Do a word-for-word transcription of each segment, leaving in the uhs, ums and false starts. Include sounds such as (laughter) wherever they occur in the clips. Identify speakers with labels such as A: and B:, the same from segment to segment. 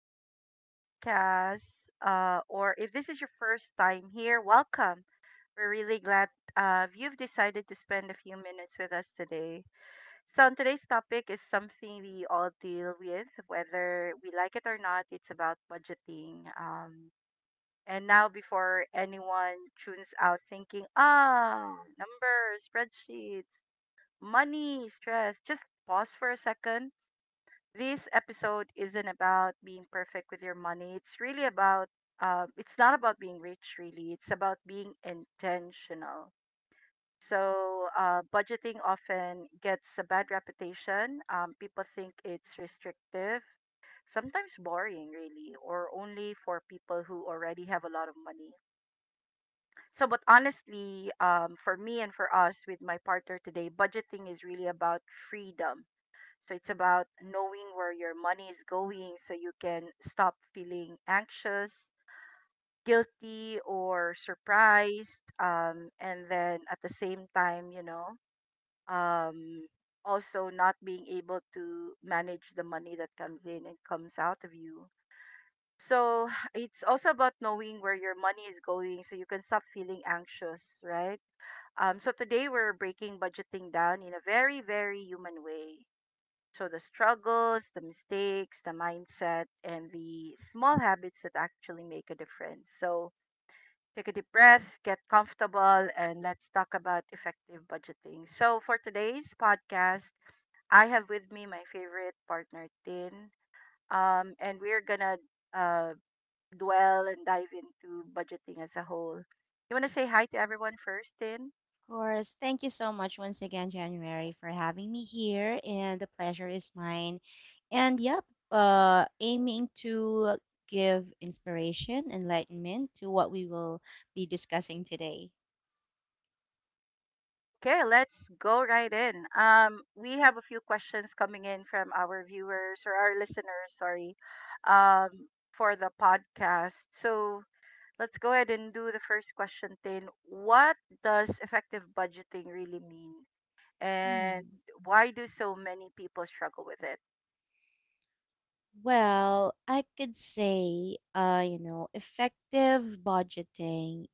A: to the podcast. Uh, or if this is your first time here, welcome. We're really glad uh, you've decided to spend a few minutes with us today. So on today's topic is something we all deal with, whether we like it or not. It's about budgeting. Um, and now, before anyone tunes out thinking, ah, numbers, spreadsheets, money, stress, just pause for a second this episode isn't about being perfect with your money. It's really about, uh, it's not about being rich, really. It's about being intentional. So, uh, budgeting often gets a bad reputation. Um, people think it's restrictive, sometimes boring, really, or only for people who already have a lot of money. So, but honestly, um, for me and for us with my partner today, budgeting is really about freedom so it's about knowing where your money is going so you can stop feeling anxious, guilty, or surprised. Um, and then at the same time, you know, um, also not being able to manage the money that comes in and comes out of you. So (sighs) it's also about knowing where your money is going so you can stop feeling anxious, right? Um, so today we're breaking budgeting down in a very, very human way. So the struggles, the mistakes, the mindset, and the small habits that actually make a difference. So take a deep breath, get comfortable, and let's talk about effective budgeting. So for today's podcast, I have with me my favorite partner, Tin, um, and we're gonna uh, dwell and dive into budgeting as a whole. You wanna say hi to everyone first, Tin?
B: Course. Thank you so much once again, January, for having me here. And the pleasure is mine. And yep, uh, aiming to give inspiration, enlightenment to what we will be discussing today.
A: Okay, let's go right in. Um, we have a few questions coming in from our viewers or our listeners, sorry, um, for the podcast. So let's go ahead and do the first question, Tin. What does effective budgeting really mean? And
B: Hmm.
A: why do so many people struggle with it?
B: Well, I could say, uh, you know, effective budgeting.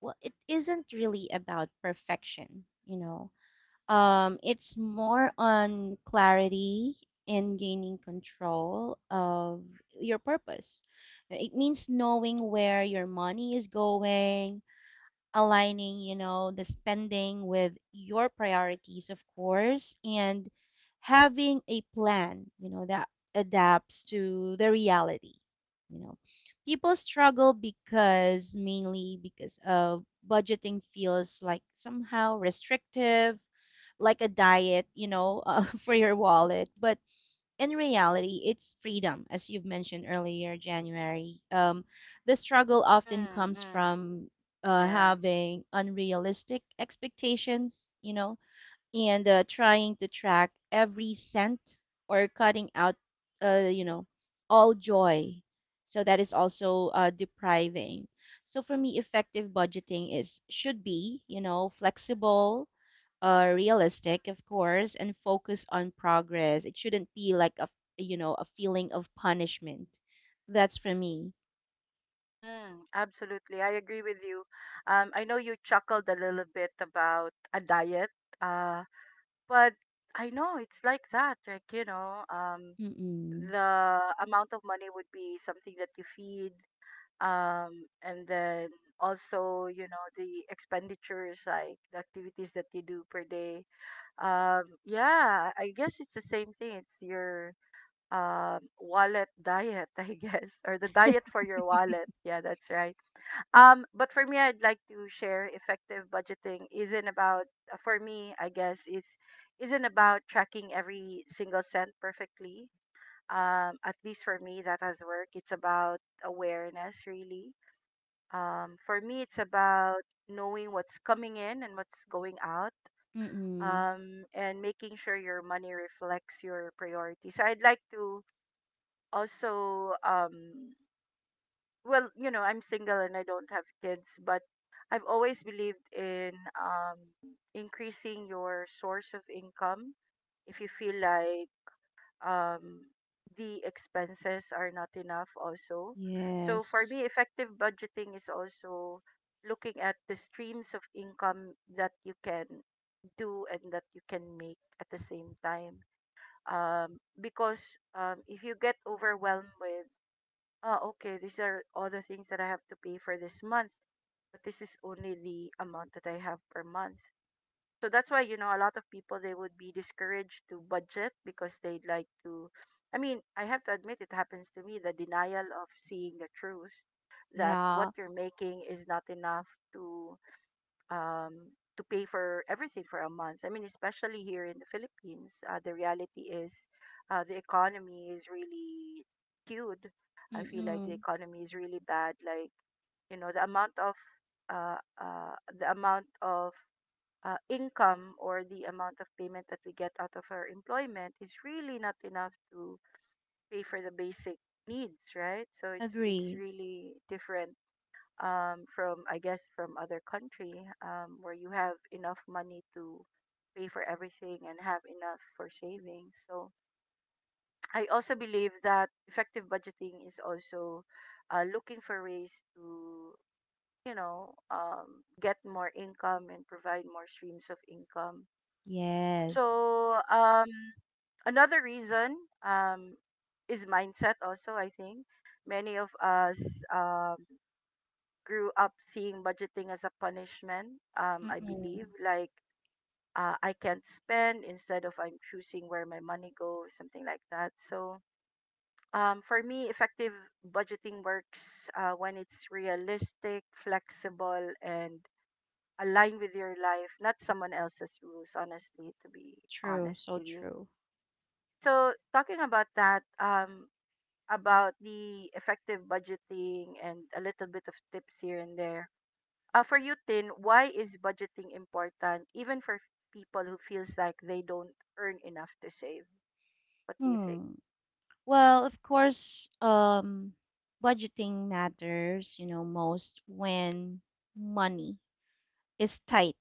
B: Well, it isn't really about perfection, you know Um, it's more on clarity and gaining control of your purpose. It means knowing where your money is going, aligning, you know, the spending with your priorities, of course, and having a plan, you know, that adapts to the reality. You know, people struggle because mainly because of budgeting feels like somehow restrictive, like a diet, you know, (laughs) uh, for your wallet. But in reality, it's freedom, as you've mentioned earlier, January. Um, the struggle often
A: Mm,
B: comes
A: mm,
B: from uh,
A: yeah.
B: having unrealistic expectations, you know, and uh, trying to track every cent, or cutting out, uh, you know, all joy. So that is also uh, depriving. So for me, effective budgeting is should be, you know, flexible, uh, realistic, of course, and focus on progress. It shouldn't be like a you know a feeling of punishment. That's for me.
A: Mm, absolutely. I agree with you. Um, I know you chuckled a little bit about a diet. Uh, But I know it's like that. Like, you know, um,
B: Mm-mm.
A: the amount of money would be something that you feed, um, and then also, you know, the expenditures, like the activities that you do per day. Um, yeah, I guess it's the same thing. It's your um wallet diet, (laughs) I guess, or the diet for your wallet. Yeah, that's right. Um, but for me, I'd like to share effective budgeting isn't about uh, for me, I guess, is isn't about tracking every single cent perfectly. Um, at least for me, that has worked. It's about awareness, really. Um, for me, it's about knowing what's coming in and what's going out,
B: Mm-mm.
A: um, and making sure your money reflects your priorities. So I'd like to also um well, you know, I'm single and I don't have kids, but I've always believed in um, increasing your source of income. If you feel like um, the expenses are not enough, also. So for
B: Yes.
A: me, effective budgeting is also looking at the streams of income that you can do and that you can make at the same time. Um, because um, if you get overwhelmed with oh, okay, these are all the things that I have to pay for this month, but this is only the amount that I have per month. So that's why, you know, a lot of people they would be discouraged to budget because they'd like to I mean, I have to admit it happens to me, the denial of seeing the truth that what
B: Yeah.
A: you're making is not enough to um, to pay for everything for a month. I mean, especially here in the Philippines, uh, the reality is uh, the economy is really skewed. I feel like the
B: Mm-mm.
A: economy is really bad. Like you know, the amount of uh, uh, the amount of uh, income or the amount of payment that we get out of our employment is really not enough to pay for the basic needs, right? So it's it's
B: Agree.
A: really different um, from I guess from other country um, where you have enough money to pay for everything and have enough for savings. So I also believe that effective budgeting is also uh, looking for ways to you know um, get more income and provide more streams of income.
B: Yes.
A: So um, another reason um, is mindset. Also, I think many of us um, grew up seeing budgeting as a punishment, um, I believe.
B: Mm-mm.
A: Like, uh, I can't spend instead of I'm choosing where my money goes, something like that. So, um, for me, effective budgeting works uh, when it's realistic, flexible, and aligned with your life, not someone else's rules, honestly, to be
B: True.
A: honest
B: So
A: with you.
B: true.
A: So, talking about that, um, about the effective budgeting and a little bit of tips here and there Uh, for you, Tin, why is budgeting important even for people who feels like they don't earn enough to save? What do you think?
B: Hmm. Well, of course, um, budgeting matters, you know, most when money is tight.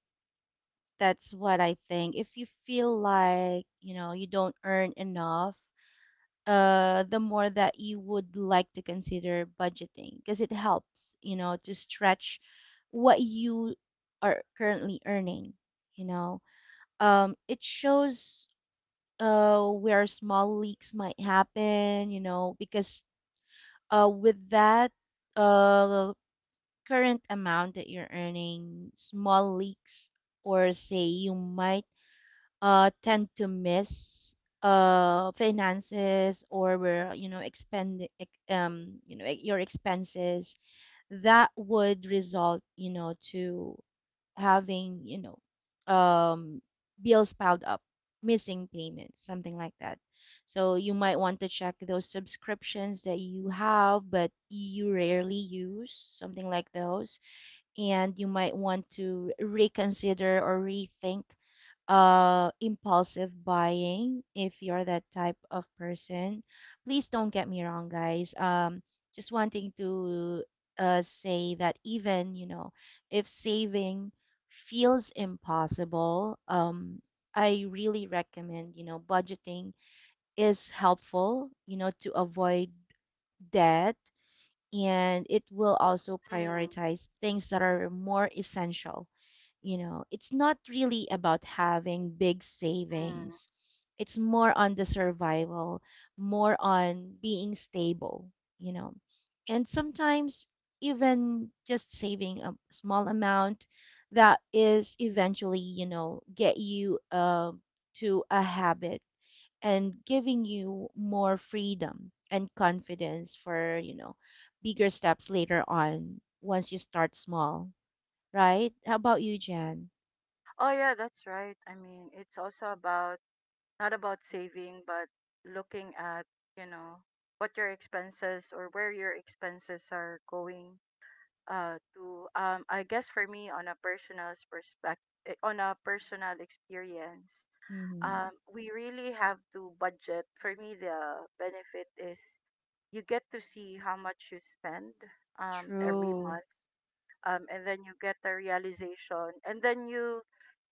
B: That's what I think. If you feel like, you know, you don't earn enough, uh, the more that you would like to consider budgeting because it helps, you know, to stretch what you are currently earning, you know. Um, it shows uh where small leaks might happen, you know, because uh with that uh current amount that you're earning, small leaks, or say you might uh, tend to miss uh, finances, or where you know expend ex- um, you know e, your expenses that would result you know to having, you know um, bills piled up, missing payments, something like that. So you might want to check those subscriptions that you have but you rarely use, something like those. And you might want to reconsider or rethink uh, impulsive buying if you're that type of person. Please don't get me wrong, guys. Um, just wanting to uh, say that even, you know, if saving feels impossible, um, I really recommend, you know, budgeting is helpful, you know, to avoid debt, and it will also
A: Mm,
B: prioritize things that are more essential. You know it's not really about having big
A: mm,
B: savings. It's more on the survival, more on being stable, you know and sometimes even just saving a small amount that is eventually you know get you uh, to a habit, and giving you more freedom and confidence for you know bigger steps later on once you start small. Right, how about you, Jan?
A: Oh yeah, that's right. I mean, it's also about not about saving, but looking at, you know, what your expenses or where your expenses are going uh to um I guess for me on a personal perspective, on a personal experience,
B: Mhm.
A: um we really have to budget. For me the benefit is you get to see how much you spend um, every
B: True.
A: month um, and then you get a realization and then you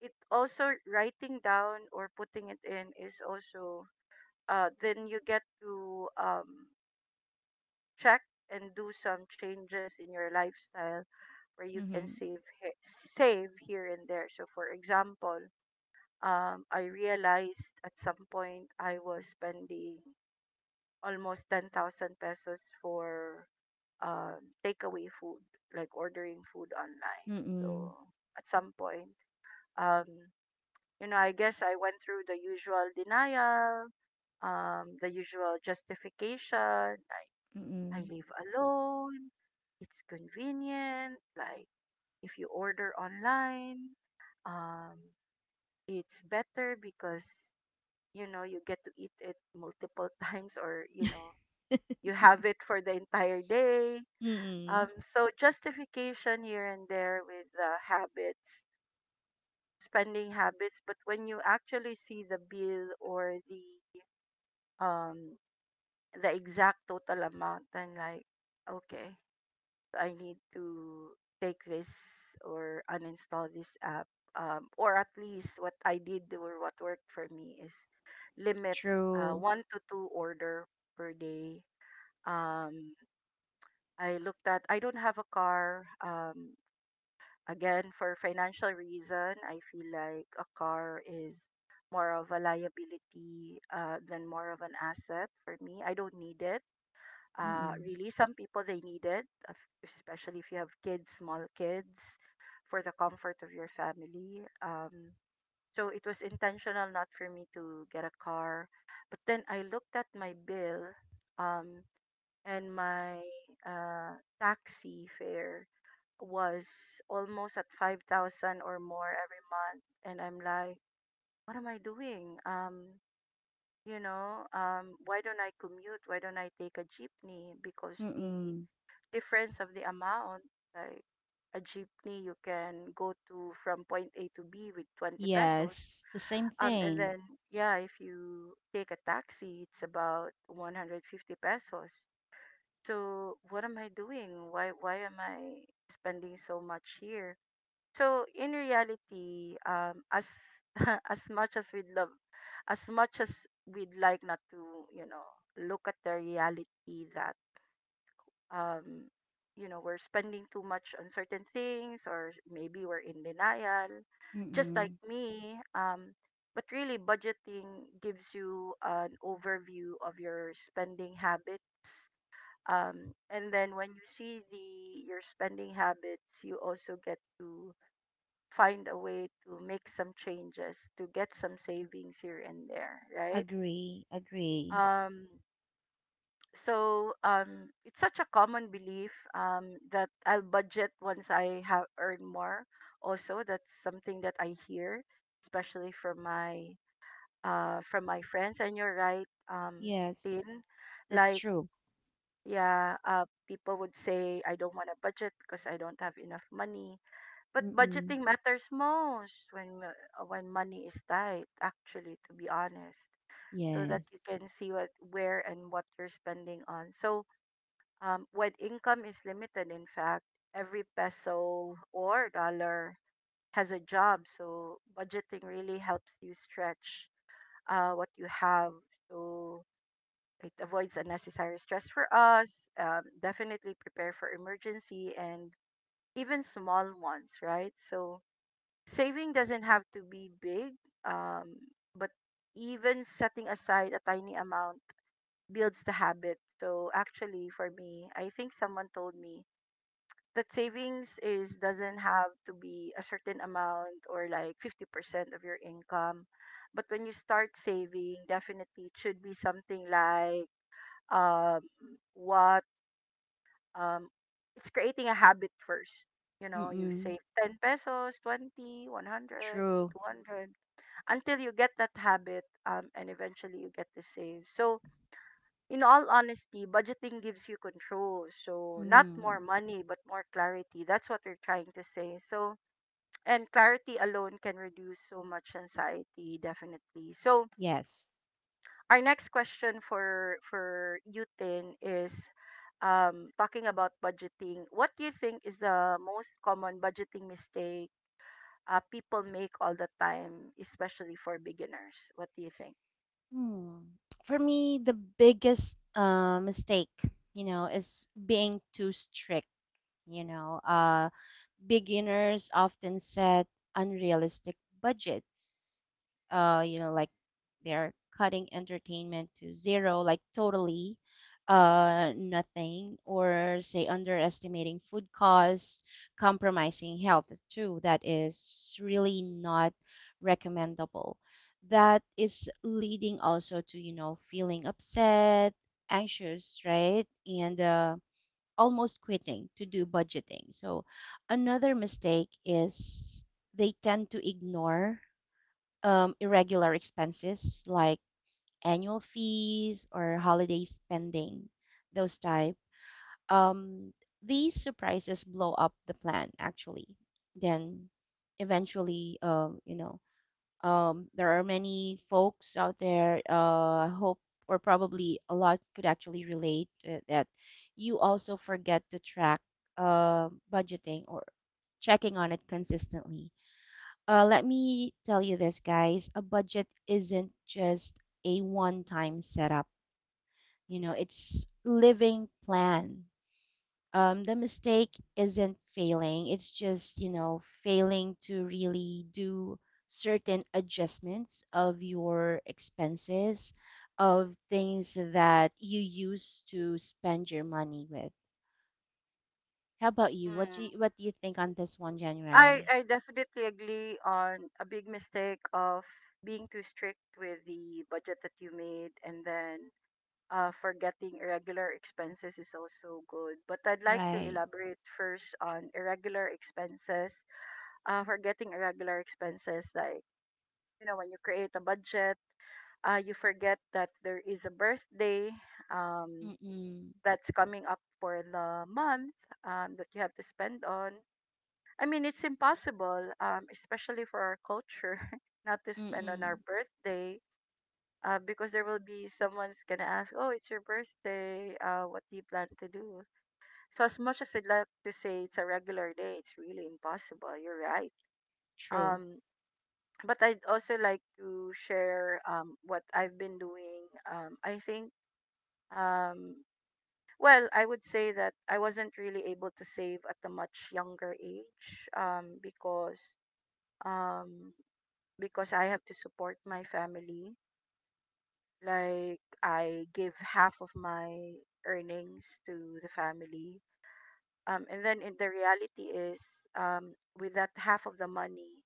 A: it also writing down or putting it in is also uh, then you get to um, check and do some changes in your lifestyle where you can
B: Mhm.
A: save he- save here and there so for example um, I realized at some point I was spending almost ten thousand pesos for um, takeaway food, like ordering food online.
B: Mm-mm.
A: So at some point, um, you know, I guess I went through the usual denial, um, the usual justification, like I
B: Mm-mm.
A: live alone, it's convenient, like if you order online, um, it's better because you know you get to eat it multiple (laughs) times or you know you have it for the entire day
B: Mm-mm.
A: Um, so justification here and there with uh, habits, spending habits, but when you actually see the bill or the um the exact total amount, then like, okay, I need to take this or uninstall this app. Um, or at least what I did or what worked for me is limit uh,
B: True.
A: one to two order per day. Um, I looked at I don't have a car. Um, Again, for financial reason, I feel like a car is more of a liability uh, than more of an asset for me. I don't need it. Uh,
B: Mm-mm.
A: really, some people they need it, af- especially if you have kids, small kids, for the comfort of your family. Um, so it was intentional not for me to get a car. But then I looked at my bill um, and my uh, taxi fare was almost at five thousand or more every month. And I'm like, what am I doing? Um, you know, um, why don't I commute? Why don't I take a jeepney? Because the
B: Mm-mm.
A: difference of the amount, like a jeepney, you can go to from point A to B with twenty pesos.
B: Yes, the same
A: Um, and
B: thing.
A: then, yeah, if you take a taxi, it's about one hundred fifty pesos. So what am I doing? Why why am I spending so much here? So in reality, um, as (laughs) as much as we'd love, as much as we'd like not to, you know, look at the reality that, um, you know, we're spending too much on certain things, or maybe we're in denial, just like
B: Mm-mm.
A: me. Um, but really, budgeting gives you an overview of your spending habits. Um, and then when you see the your spending habits, you also get to find a way to make some changes to get some savings here and there, right?
B: Agree. Agree.
A: Um, so um, it's such a common belief um, that I'll budget once I have earned more. Also, that's something that I hear, especially from my uh, from my friends. And you're right, um,
B: Yes,
A: Tin.
B: that's
A: Like,
B: true.
A: yeah, uh, people would say I don't want to budget because I don't have enough money but
B: Mm-mm.
A: budgeting matters most when mo- uh, when money is tight, actually, to be honest, so that you
B: Yes.
A: can see what where and what you're spending on. So, um, when income is limited, in fact, every peso or dollar has a job. So, budgeting really helps you stretch uh, what you have. So. It avoids unnecessary stress for us. Um, definitely prepare for emergency and even small ones, right? So, saving doesn't have to be big, um, but even setting aside a tiny amount builds the habit. So actually, for me, I think someone told me that savings is doesn't have to be a certain amount or like fifty percent of your income. But when you start saving, definitely it should be something like um, what um, it's creating a habit first. You know, you
B: Mm-mm.
A: save ten pesos, twenty, one hundred,
B: True.
A: two hundred until you get that habit um, and eventually you get to save. So, in all honesty, budgeting gives you control. So, not more
B: Mm.
A: money, but more clarity. That's what we're trying to say. So, and clarity alone can reduce so much anxiety, definitely. So,
B: Yes.
A: our next question for for you, Tin, is um, talking about budgeting. What do you think is the most common budgeting mistake uh, people make all the time, especially for beginners? What do you think?
B: Hmm. For me, the biggest uh, mistake, you know, is being too strict. You know, uh, beginners often set unrealistic budgets. Uh, you know, like they're cutting entertainment to zero, like totally uh nothing, or say underestimating food costs, compromising health too, that is really not recommendable, that is leading also to you know feeling upset, anxious, right? And uh almost quitting to do budgeting. So another mistake is they tend to ignore um, irregular expenses, like annual fees or holiday spending, those type. Um, these surprises blow up the plan actually. Then eventually, um, you know, um, there are many folks out there, uh, I hope, or probably a lot could actually relate uh, that you also forget to track uh, budgeting or checking on it consistently. Uh, let me tell you this, guys, a budget isn't just a one time setup, you know, it's living plan. um, the mistake isn't failing. It's just, you know, failing to really do certain adjustments of your expenses, of things that you used to spend your money with. How about you? What do
A: Mm.
B: you, what do you think on this one,
A: I
B: January?
A: I definitely agree on a big mistake of being too strict with the budget that you made, and then uh, forgetting irregular expenses is also good. But I'd like to
B: Right.
A: elaborate first on irregular expenses. Uh, forgetting irregular expenses, like, you know, when you create a budget, uh, you forget that there is a birthday um,
B: Mm-mm.
A: that's coming up for the month um, that you have to spend on. I mean, it's impossible, um, especially for our culture, (laughs) not to spend on our
B: Mm-mm.
A: birthday, uh, because there will be someone's gonna ask, "Oh, it's your birthday. Uh, what do you plan to do?" So as much as I'd like to say it's a regular day, it's really impossible. You're right.
B: True.
A: Um, but I'd also like to share um what I've been doing. Um, I think. um. Well, I would say that I wasn't really able to save at a much younger age um, because um because I have to support my family. Like, I give half of my earnings to the family. Um, and then in the reality is, um, with that half of the money,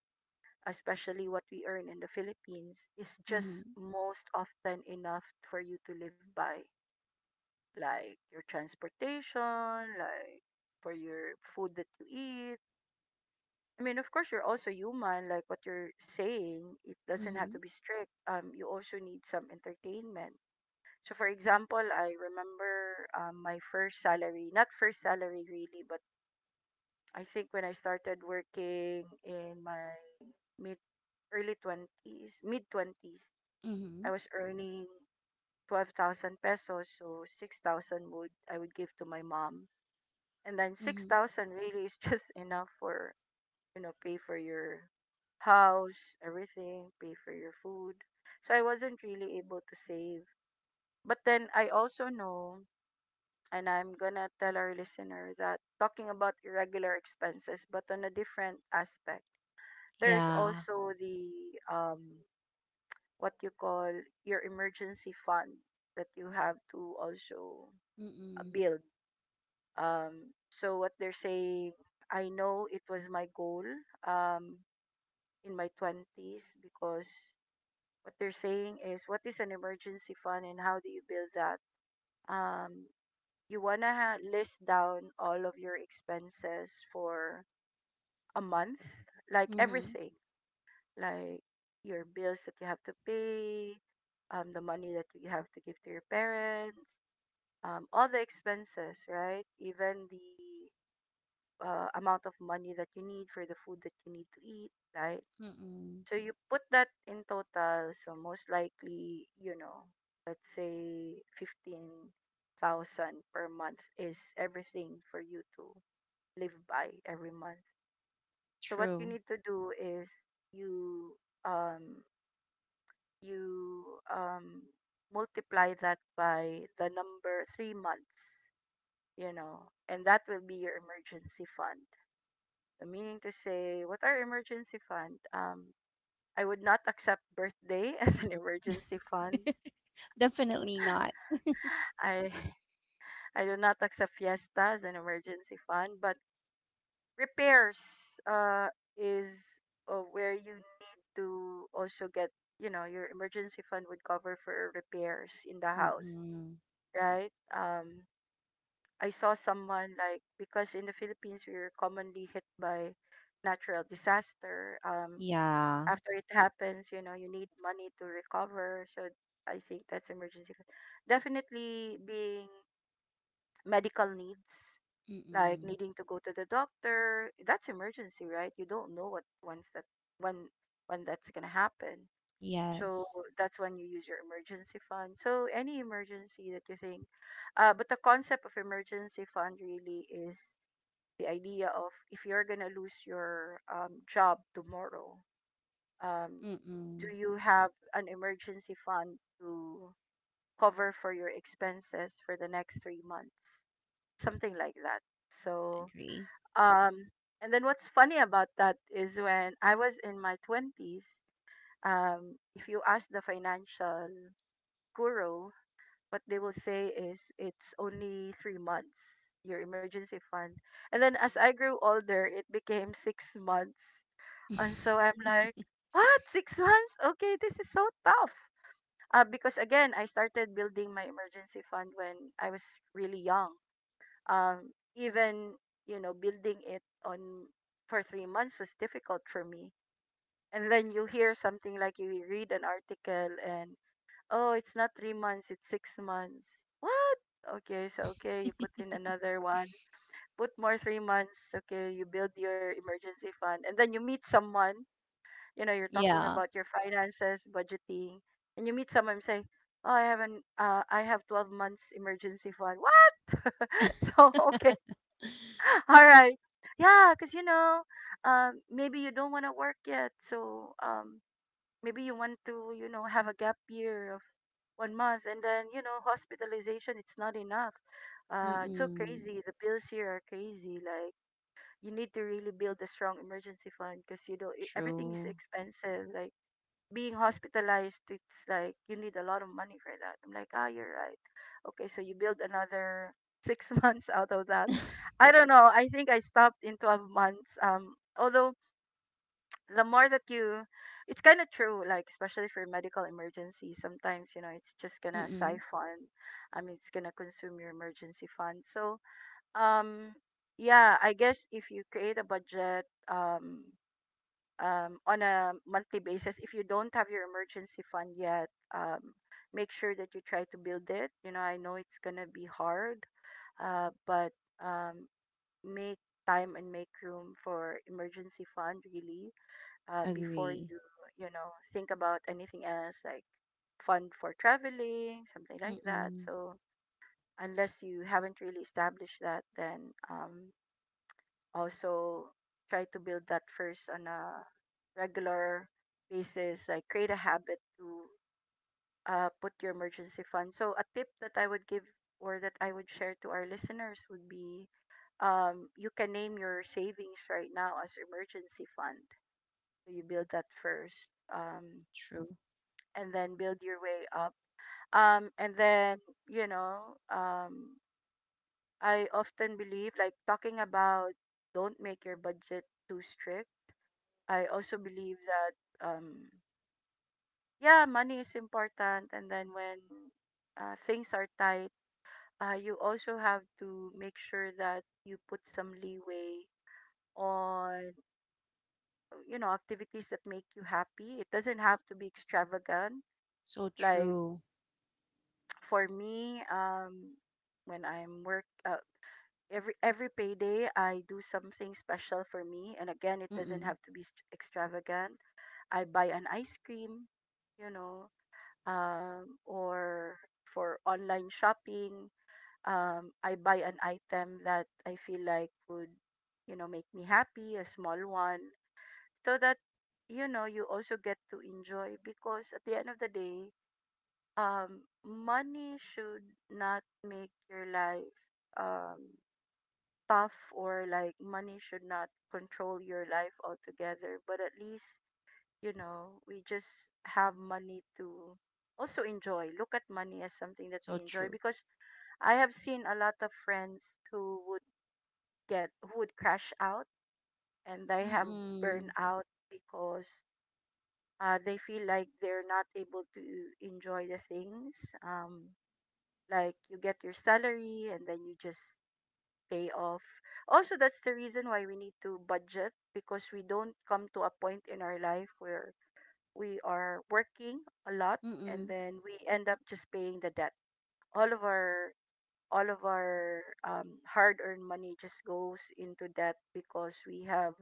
A: especially what we earn in the Philippines, is just
B: Mm-hmm.
A: most often enough for you to live by, like your transportation, like for your food that you I mean, of course, you're also human, like what you're saying. It doesn't have
B: Mm-hmm.
A: to be strict. Um, you also need some entertainment. So, for example, I remember um, my first salary, not first salary really, but I think when I started working in my mid early twenties, mid twenties,
B: Mm-hmm.
A: I was earning twelve thousand pesos. So, six thousand would I would give to my mom. And then
B: Mm-hmm.
A: six thousand really is (laughs) just enough for you know, pay for your house, everything, pay for your food. So I wasn't really able to save. But then I also know, and I'm gonna tell our listener that talking about irregular expenses, but on a different aspect, there's
B: Yeah.
A: also the, um, what you call, your emergency fund that you have to also uh,
B: Mm-mm.
A: build. Um, so what they're saying, I know it was my goal um, in my twenties. Because What they're saying is, what is an emergency fund and how do you build that? Um, you wanna ha- list down all of your expenses for a month, like
B: Mm-hmm.
A: everything, like your bills that you have to pay, um, the money that you have to give to your parents, um, all the expenses, right? Even the uh, amount of money that you need for the food that you need to eat, right?
B: Mm-mm.
A: So you put that in total, so most likely, you know, let's say fifteen thousand per month is everything for you to live by every month. So what you
B: True.
A: need to do is you um you um multiply that by the number three months, you know, and that will be your emergency fund. So, meaning to say, what are emergency fund? Um I would not accept birthday (laughs) as an emergency fund.
B: (laughs) Definitely not.
A: I (sighs) I do not accept fiesta as an emergency fund, but repairs uh is uh, where you need to also get, you know your emergency fund would cover for repairs in the house,
B: Mm-mm.
A: right? Um, I saw someone like Because in the Philippines we are commonly hit by natural disaster. Um,
B: Yeah.
A: after it happens, you know, you need money to recover. So I think that's emergency fund. Definitely being medical needs, like
B: Mm-mm.
A: needing to go to the doctor, that's emergency, right? You don't know what once that when when that's gonna happen. So
B: Yes.
A: that's when you use your emergency fund. So any emergency that you think, uh, but the concept of emergency fund really is the idea of if you're gonna lose your, um, job tomorrow, um,
B: Mm-mm.
A: do you have an emergency fund to cover for your expenses for the next three months? Something like that. So,
B: Agree.
A: um, and then what's funny about that is when I was in my twenties, um, if you ask the financial guru, what they will say is it's only three months, your emergency fund. And then as I grew older, it became six months. And so I'm
B: (laughs)
A: like, what? Six months? Okay, this is so tough. Uh, because again, I started building my emergency fund when I was really young. Um, Even, you know, building it on for three months was difficult for me. And then you hear something like you read an article and, oh, it's not three months, it's six months. What? Okay, so okay, you put in another one, put more three months. Okay, you build your emergency fund, and then you meet someone, you know you're talking
B: Yeah.
A: about your finances, budgeting, and you meet someone and say, oh, I haven't uh, I have twelve months emergency fund. What? (laughs) So okay. (laughs) All right. Yeah, because you know um, maybe you don't want to work yet, so um, maybe you want to, you know have a gap year of one month, and then you know hospitalization, it's not enough. Uh, it's so
B: Mm-mm.
A: crazy, the bills here are crazy, like you need to really build a strong emergency fund because, you know e- everything is
B: True.
A: expensive, like being hospitalized, it's like you need a lot of money for that. I'm like, ah, you're right. Okay, so you build another six (laughs) months out of that.
B: (laughs)
A: I don't know. I think I stopped in twelve months. Um, although, the more that you, it's kind of true. Like, especially for medical emergency, sometimes you know it's just gonna
B: Mm-mm.
A: siphon. I mean, it's gonna consume your emergency fund. So, um, yeah, I guess if you create a budget, um, um, on a monthly basis. If you don't have your emergency fund yet, um, make sure that you try to build it. You know, I know it's gonna be hard, uh, but um, make time and make room for emergency fund really, uh, before
B: Agree.
A: you, you know think about anything else, like fund for traveling, something like that.
B: Mm-mm.
A: So unless you haven't really established that, then um, also try to build that first on a regular basis, like create a habit to uh, put your emergency fund. So a tip that I would give, or that I would share to our listeners, would be, um, you can name your savings right now as emergency fund, so you build that first, um,
B: True.
A: and then build your way up, um, and then, you know um, I often believe, like, talking about, don't make your budget too strict, I also believe that, um yeah, money is important, and then when, uh, things are tight, uh, you also have to make sure that you put some leeway on, you know activities that make you happy. It doesn't have to be extravagant.
B: So
A: Like,
B: true.
A: (tsk) for me, um when I'm work, uh, every every payday I do something special for me, and again it doesn't
B: Mm-mm.
A: have to be st- extravagant. I buy an ice cream, you know um, or for online shopping, um, I buy an item that I feel like would, you know, make me happy, a small one, so that, you know, you also get to enjoy, because at the end of the day, um, money should not make your life um, tough, or like, money should not control your life altogether, but at least, you know, we just have money to also enjoy. Look at money as something that
B: So
A: we enjoy,
B: true.
A: because I have seen a lot of friends who would get who would crash out, and they have burned
B: Mm-mm.
A: out because uh, they feel like they're not able to enjoy the things. Um, like, you get your salary and then you just pay off. Also, that's the reason why we need to budget, because we don't come to a point in our life where we are working a lot, and
B: Mm-mm.
A: then we end up just paying the debt, all of our all of our um, hard-earned money just goes into debt, because we have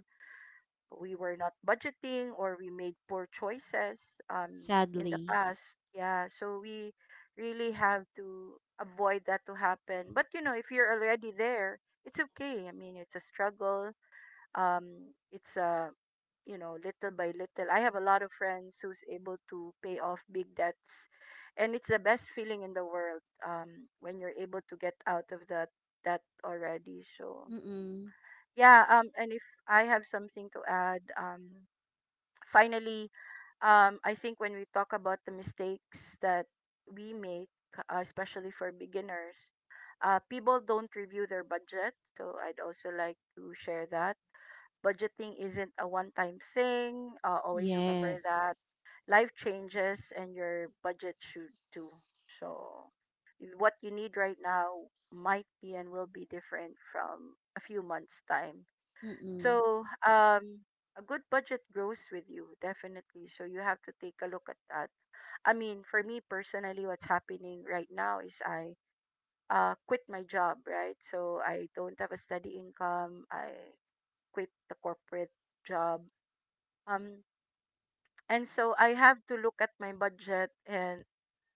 A: we were not budgeting, or we made poor choices um, in the
B: Sadly.
A: past. Yeah, so we really have to avoid that to happen. But you know if you're already there, it's okay, I mean, it's a struggle. um, it's a You know, little by little. I have a lot of friends who's able to pay off big debts, and it's the best feeling in the world um, when you're able to get out of that that already. So
B: Mm-mm.
A: yeah, um, and if I have something to add, um, finally, um, I think when we talk about the mistakes that we make, uh, especially for beginners, uh, people don't review their budget. So I'd also like to share that budgeting isn't a one time thing. Uh, always remember
B: Yes.
A: that life changes and your budget should too. So, is- what you need right now might be and will be different from a few months' time.
B: Mm-mm.
A: So, um, a good budget grows with you, definitely. So, you have to take a look at that. I mean, for me personally, what's happening right now is I uh, quit my job, right? So, I don't have a steady income. I quit the corporate job um and so I have to look at my budget and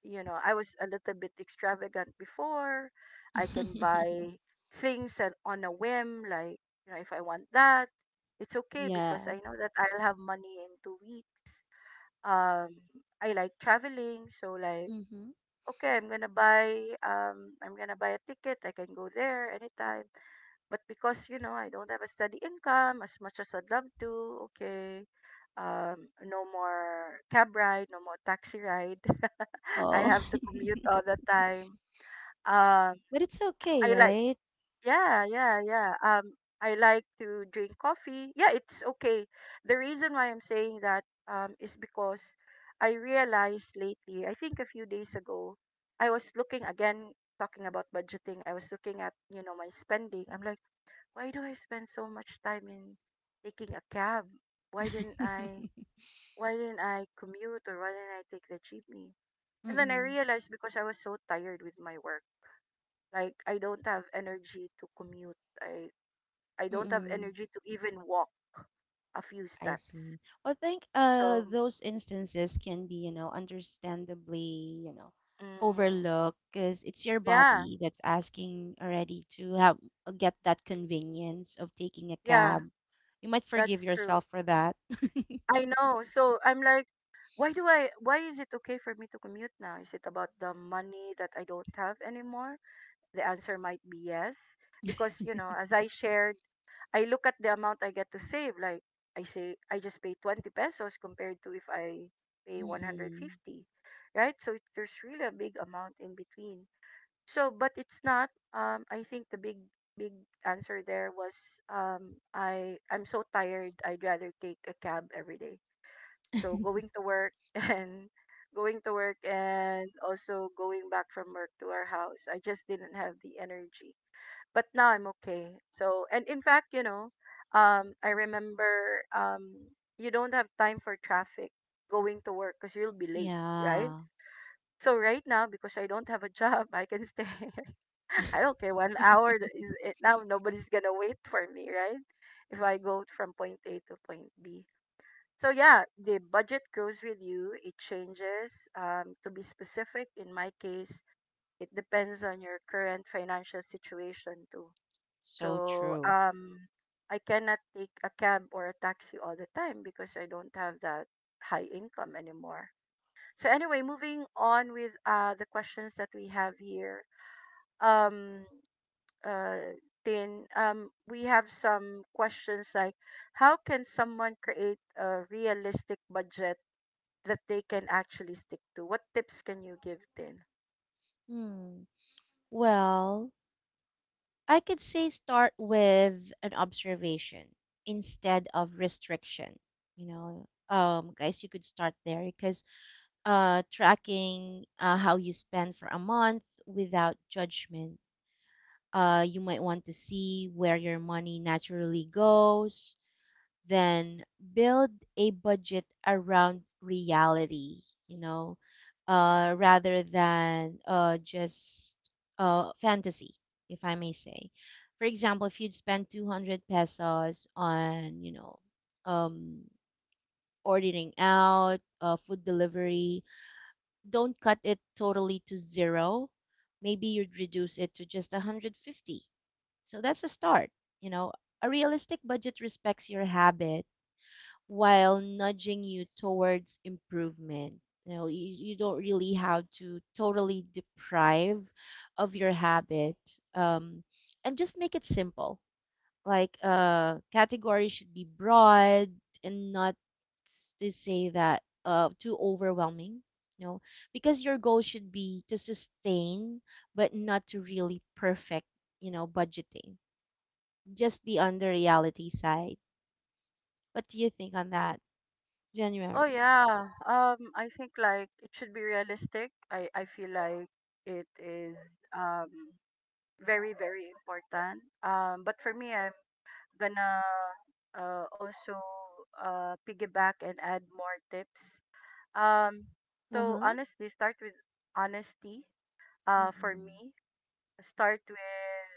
A: you know I was a little bit extravagant before. I can
B: (laughs)
A: buy things and on a whim, like, you know, if I want that, it's okay because
B: Yeah.
A: I know that I'll have money in two weeks. um I like traveling, so like,
B: Mm-hmm.
A: okay, I'm gonna buy, um I'm gonna buy a ticket, I can go there anytime. But because, you know, I don't have a steady income as much as I'd love to, okay. Um, no more cab ride, no more taxi ride. (laughs) I
B: Oh.
A: have to
B: (laughs)
A: commute all the time. Um,
B: But it's okay,
A: I like,
B: right?
A: yeah, yeah, yeah. Um, I like to drink coffee. Yeah, it's okay. The reason why I'm saying that um, is because I realized lately, I think a few days ago, I was looking again, talking about budgeting, I was looking at, you know, my spending. I'm like, why do I spend so much time in taking a cab? Why didn't I
B: (laughs)
A: why didn't I commute, or why didn't I take the jeepney? And then I
B: Mm-mm.
A: realized because I was so tired with my work. Like I don't have energy to commute. I I don't have
B: Mm-mm.
A: energy to even walk a few
B: I
A: steps.
B: see. Well, I think uh
A: So,
B: those instances can be, you know, understandably, you know,
A: mm,
B: overlooked because it's your
A: yeah,
B: body that's asking already to have uh, get that convenience of taking a
A: yeah,
B: cab. You might forgive
A: that's true.
B: yourself for that. (laughs)
A: I know. So I'm like, why do I, why is it okay for me to commute now? Is it about the money that I don't have anymore? The answer might be yes because, you know, as I shared, I look at the amount I get to save. Like I say, I just pay twenty pesos compared to if I pay
B: Mm-mm.
A: one hundred fifty, right? So it- there's really a big amount in between. So, but it's not. Um, I think the big big answer there was um I I'm so tired. I'd rather take a cab every day. So going
B: (laughs)
A: to work (laughs) and going to work and also going back from work to our house. I just didn't have the energy, but now I'm okay. So, and in fact, you know, um, I remember, um, you don't have time for traffic going to work because you'll be late, right?
B: Yeah.
A: So right now, because I don't have a (laughs) job, I can stay. (laughs) I don't care. One hour
B: (laughs)
A: th- is it now. Nobody's gonna wait for me, right? If I go from point A to point B. So yeah, the budget grows with you. It changes. Um, to be specific, in my case, it depends on your current financial situation too,
B: So
A: so
B: true.
A: um, I cannot take a cab or a taxi all the time because I don't have that high income anymore. So anyway, moving on with uh, the questions that we have here. Um, uh, Tin, um, we have some questions like, how can someone create a realistic budget that they can actually stick to? What tips can you give, Tin?
B: Hmm. Well, I could say start with an observation instead of restriction. You know, um, guys, you could start there because uh, tracking uh, how you spend for a month without judgment. Uh, you might want to see where your money naturally goes, then build a budget around reality, you know uh, rather than uh, just uh, fantasy, if I may say. For example, if you'd spend two hundred pesos on, you know um, ordering out uh, food delivery, don't cut it totally to zero. Maybe you'd reduce it to just one hundred fifty. So that's a start, you know a realistic budget respects your habit while nudging you towards improvement. You know, you, you don't really have to totally deprive of your habit. Um, and just make it simple. Like uh category should be broad and not s- to say that uh too overwhelming. You know, because your goal should be to sustain but not to really perfect, you know, budgeting. Just be on the reality side. What do you think on that,
A: Oh
B: January?
A: yeah. Um I think like it should be realistic. I I feel like it is um very very important. Um but for me I'm gonna uh also uh piggyback and add more tips. Um so
B: Uh-huh.
A: honestly start with honesty uh for
B: Mm-mm.
A: me. Start with,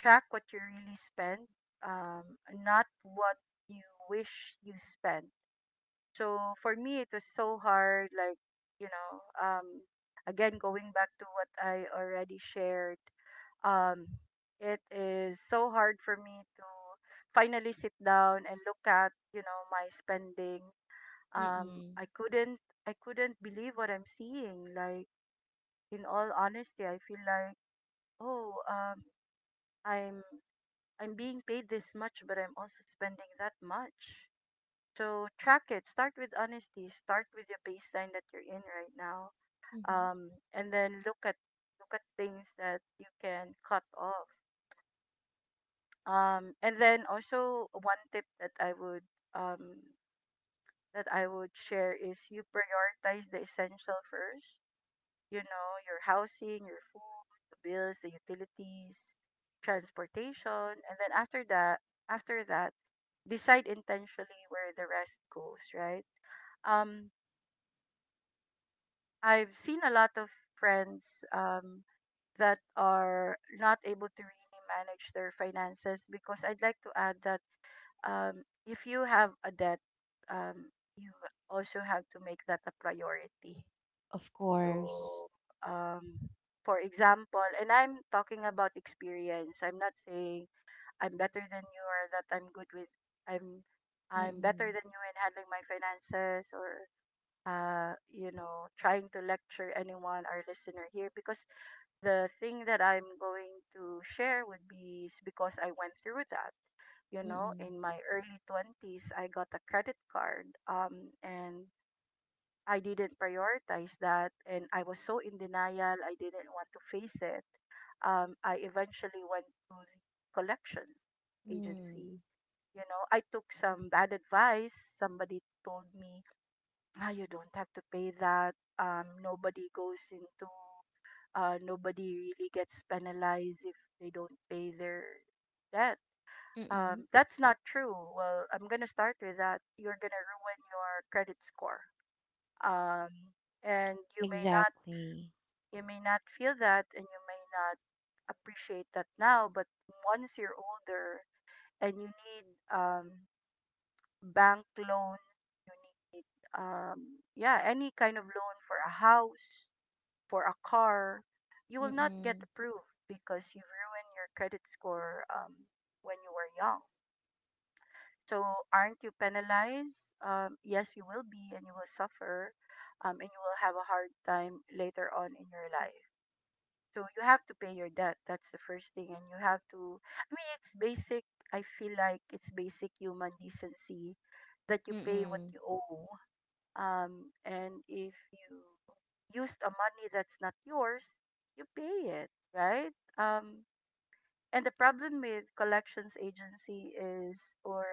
A: track what you really spend, um not what you wish you spend. So for me, it was so hard. Like, you know, um, again, going back to what I already shared, um, it is so hard for me to finally sit down and look at, you know, my spending. Um,
B: Mm-mm.
A: I couldn't, I couldn't believe what I'm seeing. Like, in all honesty, I feel like, oh, um, I'm, I'm being paid this much, but I'm also spending that much. So track it. Start with honesty. Start with your baseline that you're in right now.
B: Mm-hmm.
A: Um, and then look at look at things that you can cut off. Um, and then also one tip that I would um that I would share is you prioritize the essential first. You know, your housing, your food, the bills, the utilities, transportation, and then after that, after that, decide intentionally where the rest goes. Right. Um, I've seen a lot of friends um, that are not able to really manage their finances because I'd like to add that um, if you have a debt, um, you also have to make that a priority.
B: Of course.
A: So, um, for example, and I'm talking about experience. I'm not saying I'm better than you or that I'm good with. I'm I'm better
B: Mm-mm.
A: than you in handling my finances, or uh, you know, trying to lecture anyone, our listener here, because the thing that I'm going to share would be is because I went through that. You know,
B: Mm-mm.
A: in my early twenties, I got a credit card, um, and I didn't prioritize that. And I was so in denial, I didn't want to face it. Um, I eventually went to the collections agency.
B: Mm.
A: You know, I took some bad advice. Somebody told me, ah, you don't have to pay that. Um, nobody goes into, uh, nobody really gets penalized if they don't pay their debt. Um,
B: Mm-mm.
A: that's not true. Well, I'm gonna start with that. You're gonna ruin your credit score. Um, and you may not,
B: Exactly.
A: you may not feel that, and you may not appreciate that now. But once you're older and you need um, bank loan, you need um, yeah, any kind of loan for a house for a car, you will not get
B: Mm-mm.
A: approved because you ruined your credit score um, when you were young. So, aren't you penalized? Um, yes, you will be, and you will suffer, um, and you will have a hard time later on in your life. So, you have to pay your debt. That's the first thing. And you have to, I mean, it's basic. I feel like it's basic human decency that you pay what
B: Mm-mm.
A: you owe, um, and if you used a money that's not yours, you pay it, right? Um, and the problem with collections agency is, or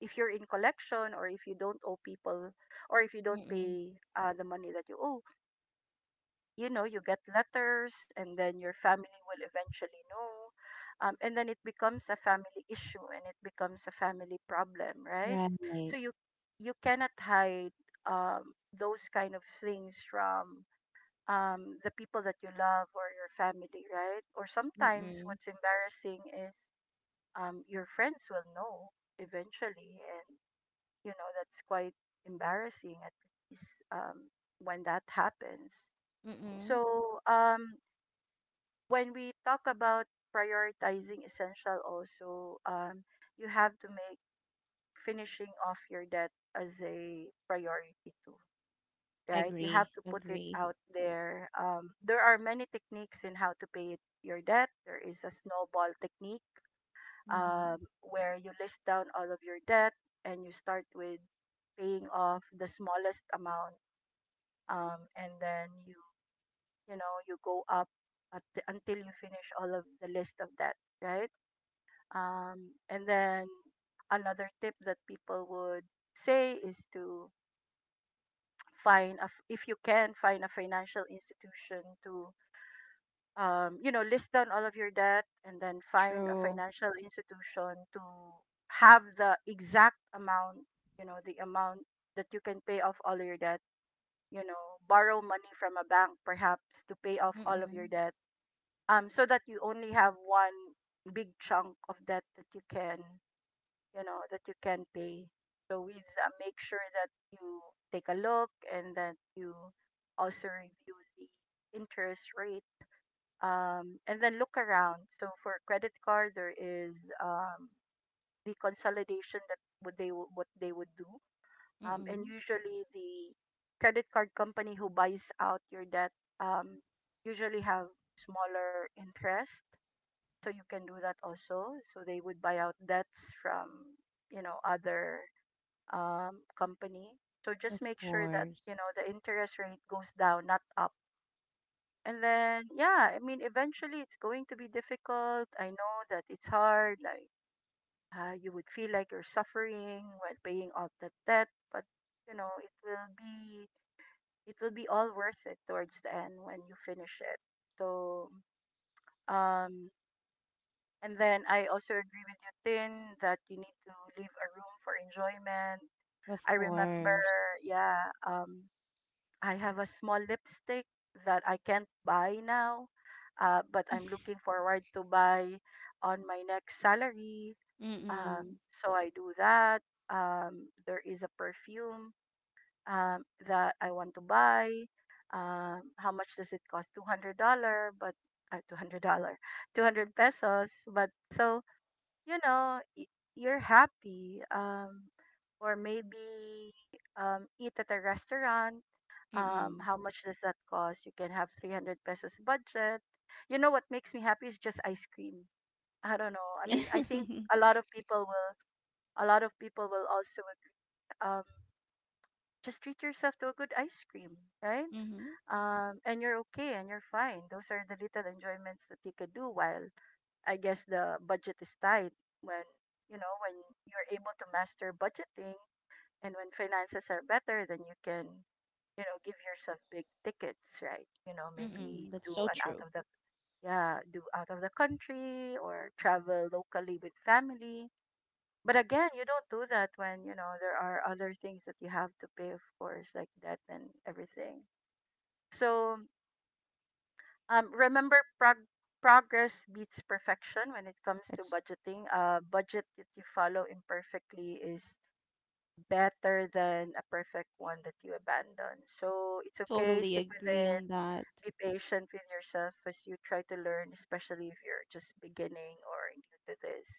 A: if you're in collection, or if you don't owe people, or if you don't
B: Mm-mm.
A: pay uh, the money that you owe, you know you get letters and then your family will eventually know, um, and then it becomes a family issue and it becomes a family problem, right? So
B: Right.
A: you you cannot hide um, those kind of things from um, the people that you love or your family, right? Or sometimes
B: Mm-mm.
A: what's embarrassing is um, your friends will know eventually, and you know that's quite embarrassing at least um, when that happens.
B: Mm-mm.
A: So um when we talk about prioritizing essential also, um you have to make finishing off your debt as a priority too, right? You have
B: Agree.
A: to put it
B: Agree.
A: out there. um there are many techniques in how to pay it, your debt. There is a snowball technique,
B: Mm-hmm.
A: um where you list down all of your debt and you start with paying off the smallest amount, um and then you you know you go up at until you finish all of the list of debt, right? Um, and then another tip that people would say is to find a, f- if you can find a financial institution to um, you know, list down all of your debt and then find a
B: True.
A: financial institution to have the exact amount, you know, the amount that you can pay off all your debt, you know, borrow money from a bank perhaps to pay off all of your
B: Mm-mm.
A: debt, um, so that you only have one big chunk of debt that you can, you know, that you can pay. So we uh, make sure that you take a look and that you also review the interest rate, um, and then look around. So for credit card there is, um, the consolidation that what they wo- what they would do, um, and
B: Mm-mm.
A: usually the credit card company who buys out your debt um, usually have smaller interest, so you can do that also. So they would buy out debts from, you know, other um, company. So just
B: Of
A: make sure that
B: course.
A: you know the interest rate goes down, not up. And then yeah, I mean eventually it's going to be difficult. I know that it's hard. Like uh, you would feel like you're suffering while paying off that debt, but you know it will be it will be all worth it towards the end when you finish it. So um, and then I also agree with you, Tin, that you need to leave a room for enjoyment.
B: Of
A: I
B: course.
A: remember, yeah, um, I have a small lipstick that I can't buy now, uh, but I'm looking
B: (laughs)
A: forward to buy on my next salary. Um,
B: Mm-mm.
A: so I do that. Um, there is a perfume um, that I want to buy. Um, how much does it cost? Two hundred dollar, but uh, two hundred dollar, (laughs) two hundred pesos. But so you know, y- You're happy. Um, or maybe um, eat at a restaurant. Um,
B: Mm-mm.
A: how much does that cost? You can have three hundred pesos budget. You know what makes me happy is just ice cream. I don't know. I mean, I think a
B: (laughs)
A: lot of people will, a lot of people will also um, just treat yourself to a good ice cream, right?
B: Mm-hmm.
A: Um, and you're okay and you're fine. Those are the little enjoyments that you can do while I guess the budget is tight. When you know when you're able to master budgeting, and when finances are better, then you can, you know, give yourself big tickets, right? You know, maybe
B: Mm-mm. That's
A: do
B: so
A: an out
B: true.
A: of the yeah, do out of the country or travel locally with family. But again, you don't do that when, you know, there are other things that you have to pay, of course, like debt and everything. So, um, remember prog- progress beats perfection when it comes to
B: That's
A: budgeting. A budget that you follow imperfectly is better than a perfect one that you abandon. So it's okay,
B: Totally
A: stick with
B: agree
A: it.
B: on that.
A: Be patient with yourself as you try to learn, especially if you're just beginning or new to this.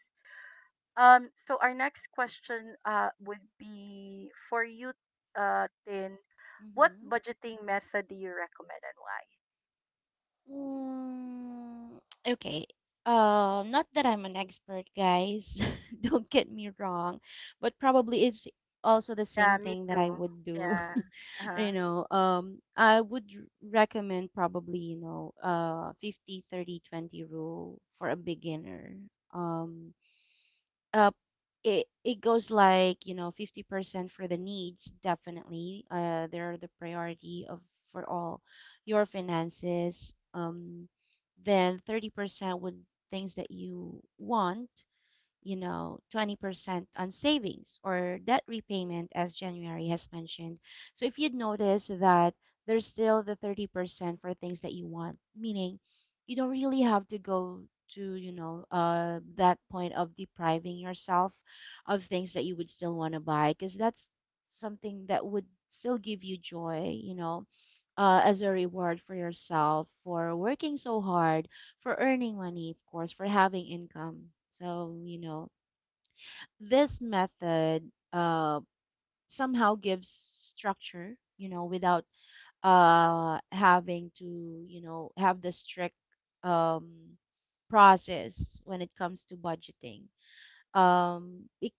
A: Um, so our next question uh, would be for you, uh, Tin, what
B: Mm-hmm.
A: budgeting method do you recommend and why?
B: Mm, okay. Um, not that I'm an expert, guys. (laughs) Don't get me wrong, but probably it's also the
A: Yeah,
B: same
A: me
B: thing that I
A: too.
B: would do.
A: Yeah.
B: (laughs) You
A: Uh-huh.
B: know, um, I would r- recommend probably, you know, uh, fifty, thirty, twenty rule for a beginner. Um, uh, it it goes like, you know fifty percent for the needs. Definitely, uh they're the priority of for all your finances. Um then thirty percent would things that you want, you know, twenty percent on savings or debt repayment, as January has mentioned. So if you'd notice that there's still the thirty percent for things that you want, meaning you don't really have to go to, you know, uh, that point of depriving yourself of things that you would still want to buy, because that's something that would still give you joy, you know, uh, as a reward for yourself for working so hard, for earning money, of course, for having income. So, you know, this method uh, somehow gives structure, you know, without uh, having to, you know, have the strict um, process when it comes to budgeting. Um, it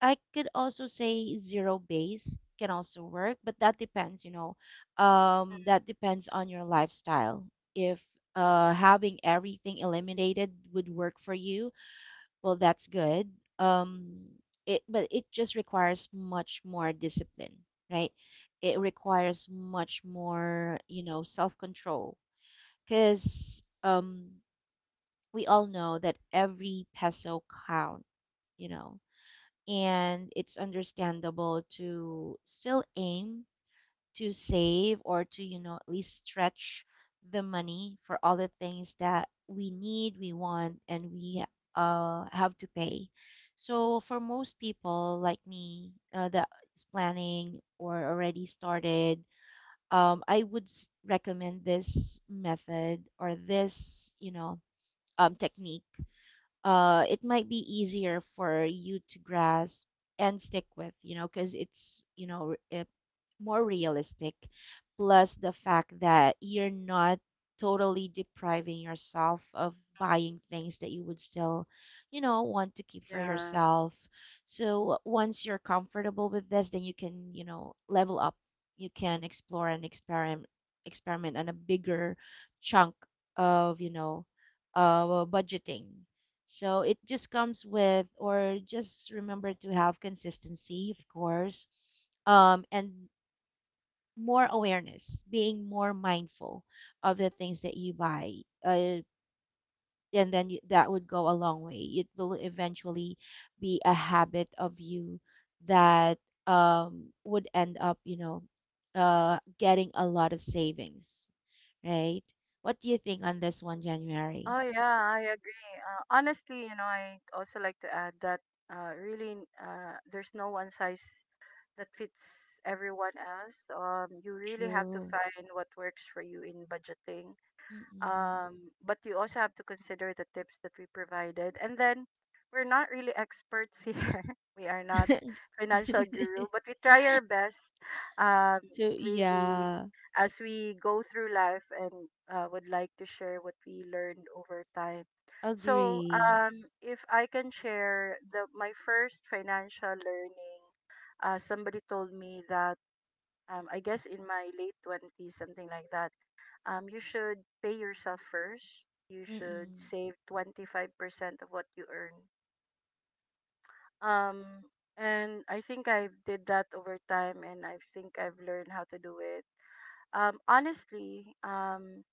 B: I could also say zero base can also work, but that depends, you know,
A: Mm.
B: um, that depends on your lifestyle. If uh, having everything eliminated would work for you, well, that's good. Um, it, but it just requires much more discipline, right? It requires much more, you know, self-control, because um, we all know that every peso count, you know and it's understandable to still aim to save, or to you know at least stretch the money for all the things that we need we want and we uh, have to pay. So for most people like me, uh, that is planning or already started, um, I would s- recommend this method or this, you know um, technique. uh, it might be easier for you to grasp and stick with, you know, because it's, you know, r- uh, more realistic. Plus the fact that you're not totally depriving yourself of buying things that you would still, you know, want to keep for
A: Yeah.
B: yourself. So once you're comfortable with this, then you can, you know, level up. You can explore and experiment experiment on a bigger chunk of, you know, uh, budgeting. So it just comes with, or just remember to have consistency, of course, um, and more awareness, being more mindful of the things that you buy. Uh, and then you, that would go a long way. It will eventually be a habit of you that um, would end up, you know, uh, getting a lot of savings, right? What do you think on this one, January?
A: Oh yeah, I agree. Uh, honestly, you know, I also like to add that uh, really uh, there's no one size that fits everyone else. Um, you really have to
B: True.
A: find what works for you in budgeting,
B: Mm-mm.
A: um, but you also have to consider the tips that we provided, and then we're not really experts here, (laughs) we are not financial
B: (laughs)
A: guru, but we try our best, um,
B: So
A: really,
B: yeah,
A: as we go through life and uh, would like to share what we learned over time. So
B: agree.
A: um, if I can share the my first financial learning, uh, somebody told me that, um, I guess in my late twenties, something like that, um, you should pay yourself first. You should
B: Mm-mm.
A: save twenty-five percent of what you earn. Um, and I think I did that over time and I think I've learned how to do it. Um, honestly, um,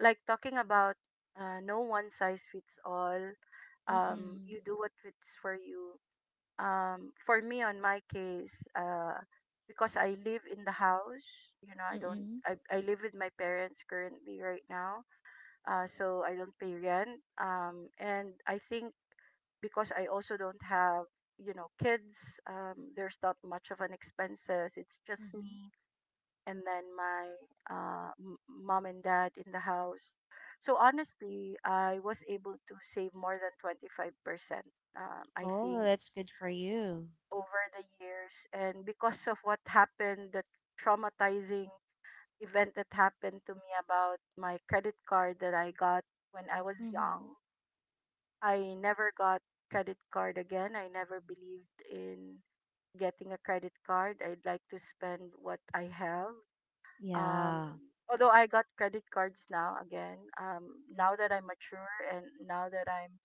A: like talking about uh, no one size fits all, um,
B: Mm-mm.
A: you do what fits for you. Um, for me, on my case, uh, because I live in the house, you know, I don't,
B: Mm-mm.
A: I, I live with my parents currently right now, uh, so I don't pay rent. Um, and I think because I also don't have, you know, kids, um, there's not much of an expenses. It's just
B: Mm-hmm.
A: me and then my uh, m- mom and dad in the house. So honestly, I was able to save more than twenty-five percent, um, I
B: Oh,
A: think,
B: that's good for you.
A: over the years. And because of what happened, the traumatizing event that happened to me about my credit card that I got when I was
B: Mm-hmm.
A: young. I never got credit card again. I never believed in getting a credit card. I'd like to spend what I have. Um,
B: Yeah,
A: Although I got credit cards now again, um, now that I'm mature and now that I'm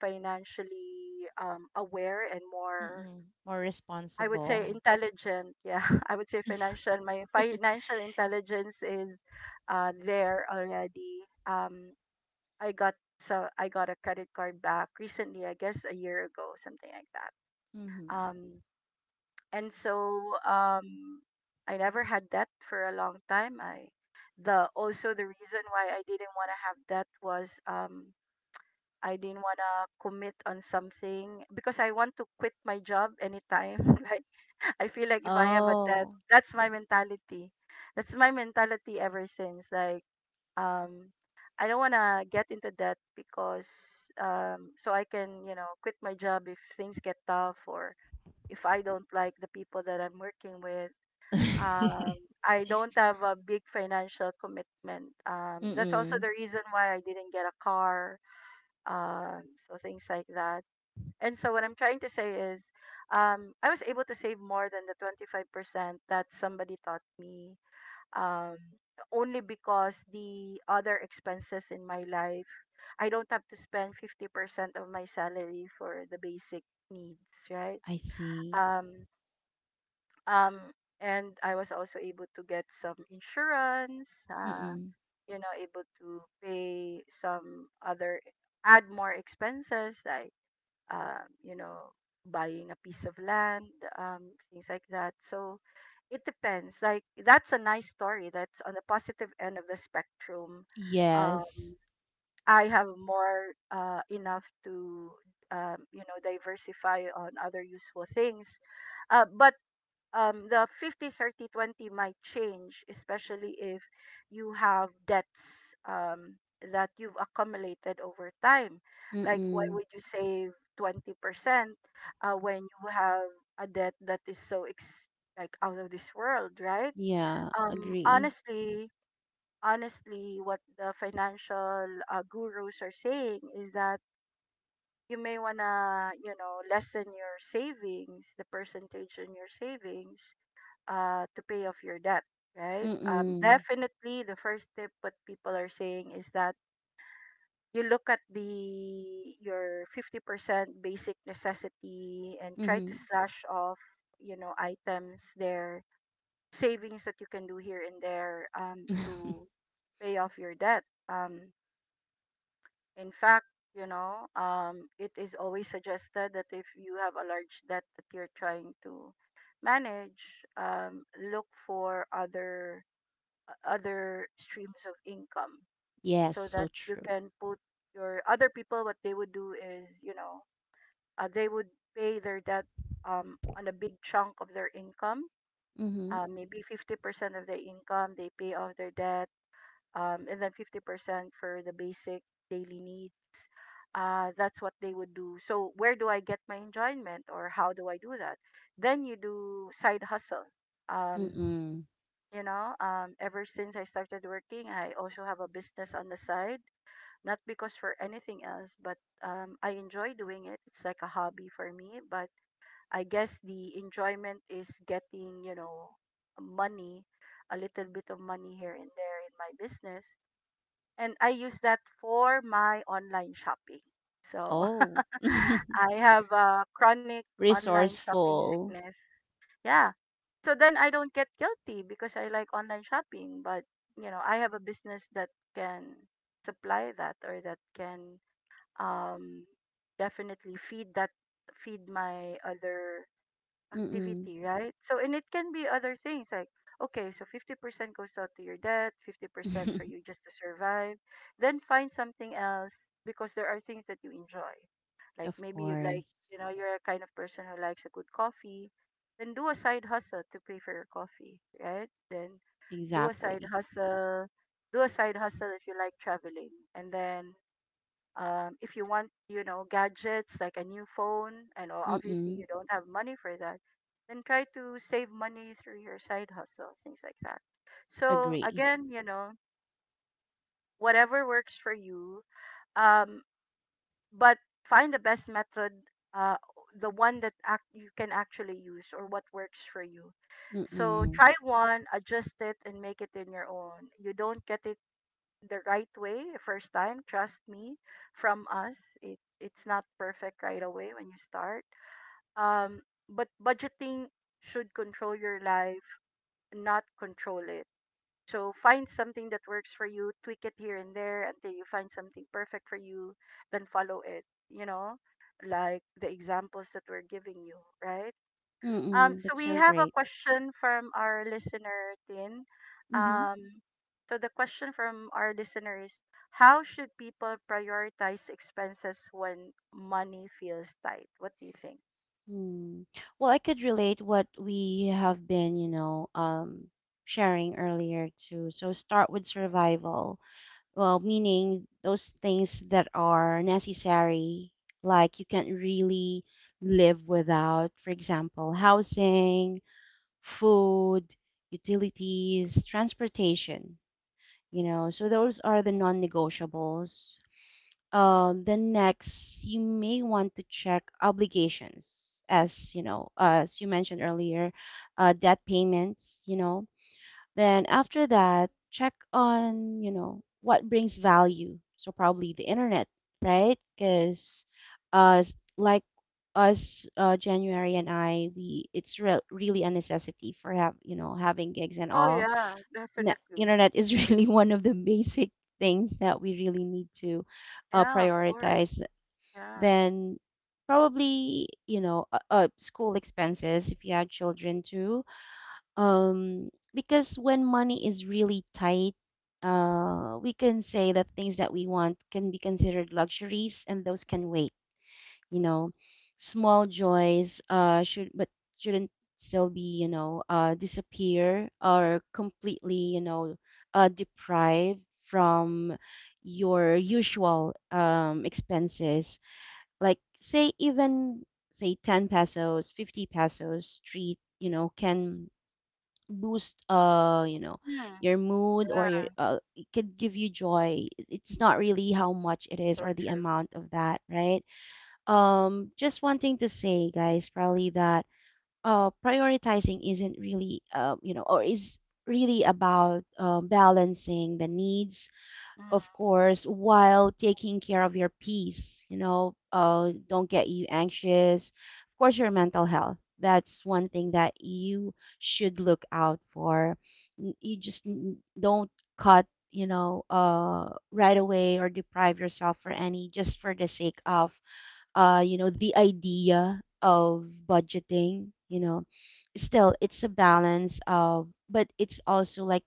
A: financially um, aware and more,
B: Mm-mm. more
A: I would say
B: responsible. (laughs)
A: intelligent. Yeah, (laughs) I would say financial. My financial intelligence is uh, there already. Um, I got so I got a credit card back recently, I guess a year ago, something like that.
B: Mm-hmm.
A: Um, and so um, I never had debt for a long time. I the also the reason why I didn't want to have debt was, um, I didn't want to commit on something because I want to quit my job anytime. (laughs) Like I feel like if I have a debt,
B: Oh.
A: that's my mentality. That's my mentality ever since. Like um I don't want to get into that because um so I can, you know, quit my job if things get tough or if I don't like the people that I'm working with.
B: (laughs)
A: Um I don't have a big financial commitment. Um that's also
B: Mm-mm.
A: the reason why I didn't get a car. Um so things like that. And so what I'm trying to say is, um I was able to save more than the twenty-five percent that somebody taught me, um, only because the other expenses in my life, I don't have to spend fifty percent of my salary for the basic needs, right?
B: I see.
A: Um, um, and I was also able to get some insurance, uh,
B: Mm-mm.
A: you know, able to pay some other, add more expenses. I um, You know, buying a piece of land, um, things like that. So it depends. Like that's a nice story. That's on the positive end of the spectrum. Um,
B: Yes.
A: I have more uh, enough to um, you know, diversify on other useful things. Uh, but um, the fifty thirty twenty might change, especially if you have debts um, that you've accumulated over time. Like why
B: Mm-mm.
A: would you save twenty percent uh, when you have a debt that is so ex- like out of this world, right?
B: Yeah,
A: um,
B: agree.
A: honestly honestly what the financial uh, gurus are saying is that you may want to, you know, lessen your savings, the percentage in your savings, uh, to pay off your debt, right? Um,
B: Mm-mm.
A: definitely, the first tip what people are saying is that you look at the your fifty percent basic necessity and try
B: Mm-hmm.
A: to slash off, you know, items there, savings that you can do here and there, um, to pay off your debt. Um, in fact, you know, um, it is always suggested that if you have a large debt that you're trying to manage, um, look for other o- other streams of income
B: (laughs) Yes,
A: so
B: so
A: that you
B: true.
A: can put your other. People, what they would do is, you know, uh, they would pay their debt, um, on a big chunk of their income,
B: Mm-hmm.
A: uh, maybe fifty percent of their income they pay off their debt, um, and then fifty percent for the basic daily needs. Uh, that's what they would do. So where do I get my enjoyment, or how do I do that? Then you do side hustle. um,
B: Mm-mm.
A: you know, um ever since I started working, I also have a business on the side, not because for anything else, but um I enjoy doing it. It's like a hobby for me, but I guess the enjoyment is getting, you know, money, a little bit of money here and there in my business, and I use that for my online shopping. So
B: Oh.
A: (laughs)
B: (laughs)
A: I have a chronic online shopping
B: resourceful.
A: sickness. Yeah. So then I don't get guilty because I like online shopping, but you know, I have a business that can supply that, or that can um definitely feed that, feed my other
B: Mm-mm.
A: activity, right? So, and it can be other things like, okay, so fifty percent goes out to your debt, fifty percent for you
B: (laughs)
A: just to survive. Then find something else because there are things that you enjoy. Like
B: Of
A: maybe you like,
B: course.
A: you know, you're a kind of person who likes a good coffee. Then do a side hustle to pay for your coffee, right? Then do a side
B: Exactly.
A: hustle. Do a side hustle if you like traveling. And then um, if you want, you know, gadgets, like a new phone, and o- obviously
B: Mm-mm.
A: you don't have money for that, then try to save money through your side hustle, things like that. So
B: Agree.
A: again, you know, whatever works for you, um, but find the best method, uh, the one that act- you can actually use, or what works for you. So
B: Mm-mm.
A: try one, adjust it, and make it in your own. You don't get it the right way first time, trust me, from us. It it's not perfect right away when you start, um but budgeting should control your life, not control it. So find something that works for you, tweak it here and there until you find something perfect for you, then follow it, you know, like the examples that we're giving you, right? Um,
B: Mm-mm.
A: so
B: That's
A: we
B: so
A: have a
B: great.
A: question from our listener, Tin.
B: Mm-hmm.
A: Um, so the question from our listener is, how should people prioritize expenses when money feels tight? What do you think?
B: Mm. Well, I could relate what we have been, you know, um, sharing earlier too. So start with survival. Well, meaning those things that are necessary, like you can't really live without, for example, housing, food, utilities, transportation, you know. So those are the non-negotiables. Um, then next, you may want to check obligations, as you know, as you mentioned earlier, uh, debt payments, you know, then after that, check on, you know, what brings value. So probably the internet, right? Because uh, like us, uh, January and I, we it's re- really a necessity for have you know having gigs and
A: Oh
B: all.
A: yeah,
B: Ne-
A: definitely.
B: internet is (laughs) really one of the basic things that we really need to uh,
A: Yeah, of course.
B: prioritize.
A: Yeah.
B: Then probably you know uh, uh, school expenses if you have children too, um because when money is really tight, uh we can say that things that we want can be considered luxuries and those can wait, you know. Small joys uh should but shouldn't still be, you know uh disappear or completely, you know uh deprived from your usual um expenses, like say even say ten pesos, fifty pesos street, you know, can boost uh you know
A: Hmm.
B: your mood or
A: Yeah.
B: your uh, it could give you joy. It- it's not really how much it is
A: So
B: or the
A: true.
B: amount of that, right? Um just one thing to say, guys, probably that uh prioritizing isn't really, uh you know or is really about uh, balancing the needs, of
A: Mm.
B: course, while taking care of your peace, you know, uh, don't get you anxious. Of course, your mental health. That's one thing that you should look out for. N- You just n- don't cut, you know, uh, right away or deprive yourself for any just for the sake of, uh, you know, the idea of budgeting, you know. Still, it's a balance of, but it's also like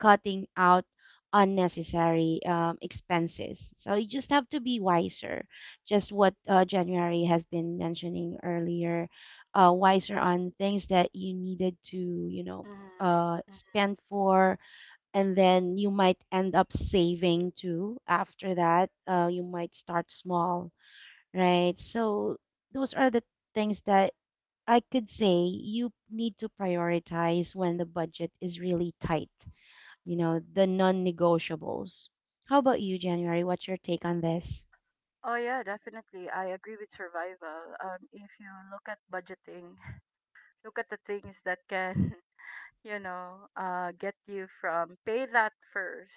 B: cutting out unnecessary um, expenses. So you just have to be wiser. Just what uh, January has been mentioning earlier, uh, wiser on things that you needed to, you know,
A: Mm-hmm.
B: uh, spend for, and then you might end up saving too. After that, uh, you might start small, right? So those are the things that I could say you need to prioritize when the budget is really tight, you know, the non-negotiables. How about you, January? What's your take on this?
A: Oh yeah, definitely. I agree with survival. Um, if you look at budgeting, (laughs) look at the things that can you know, uh, get you from pay that first.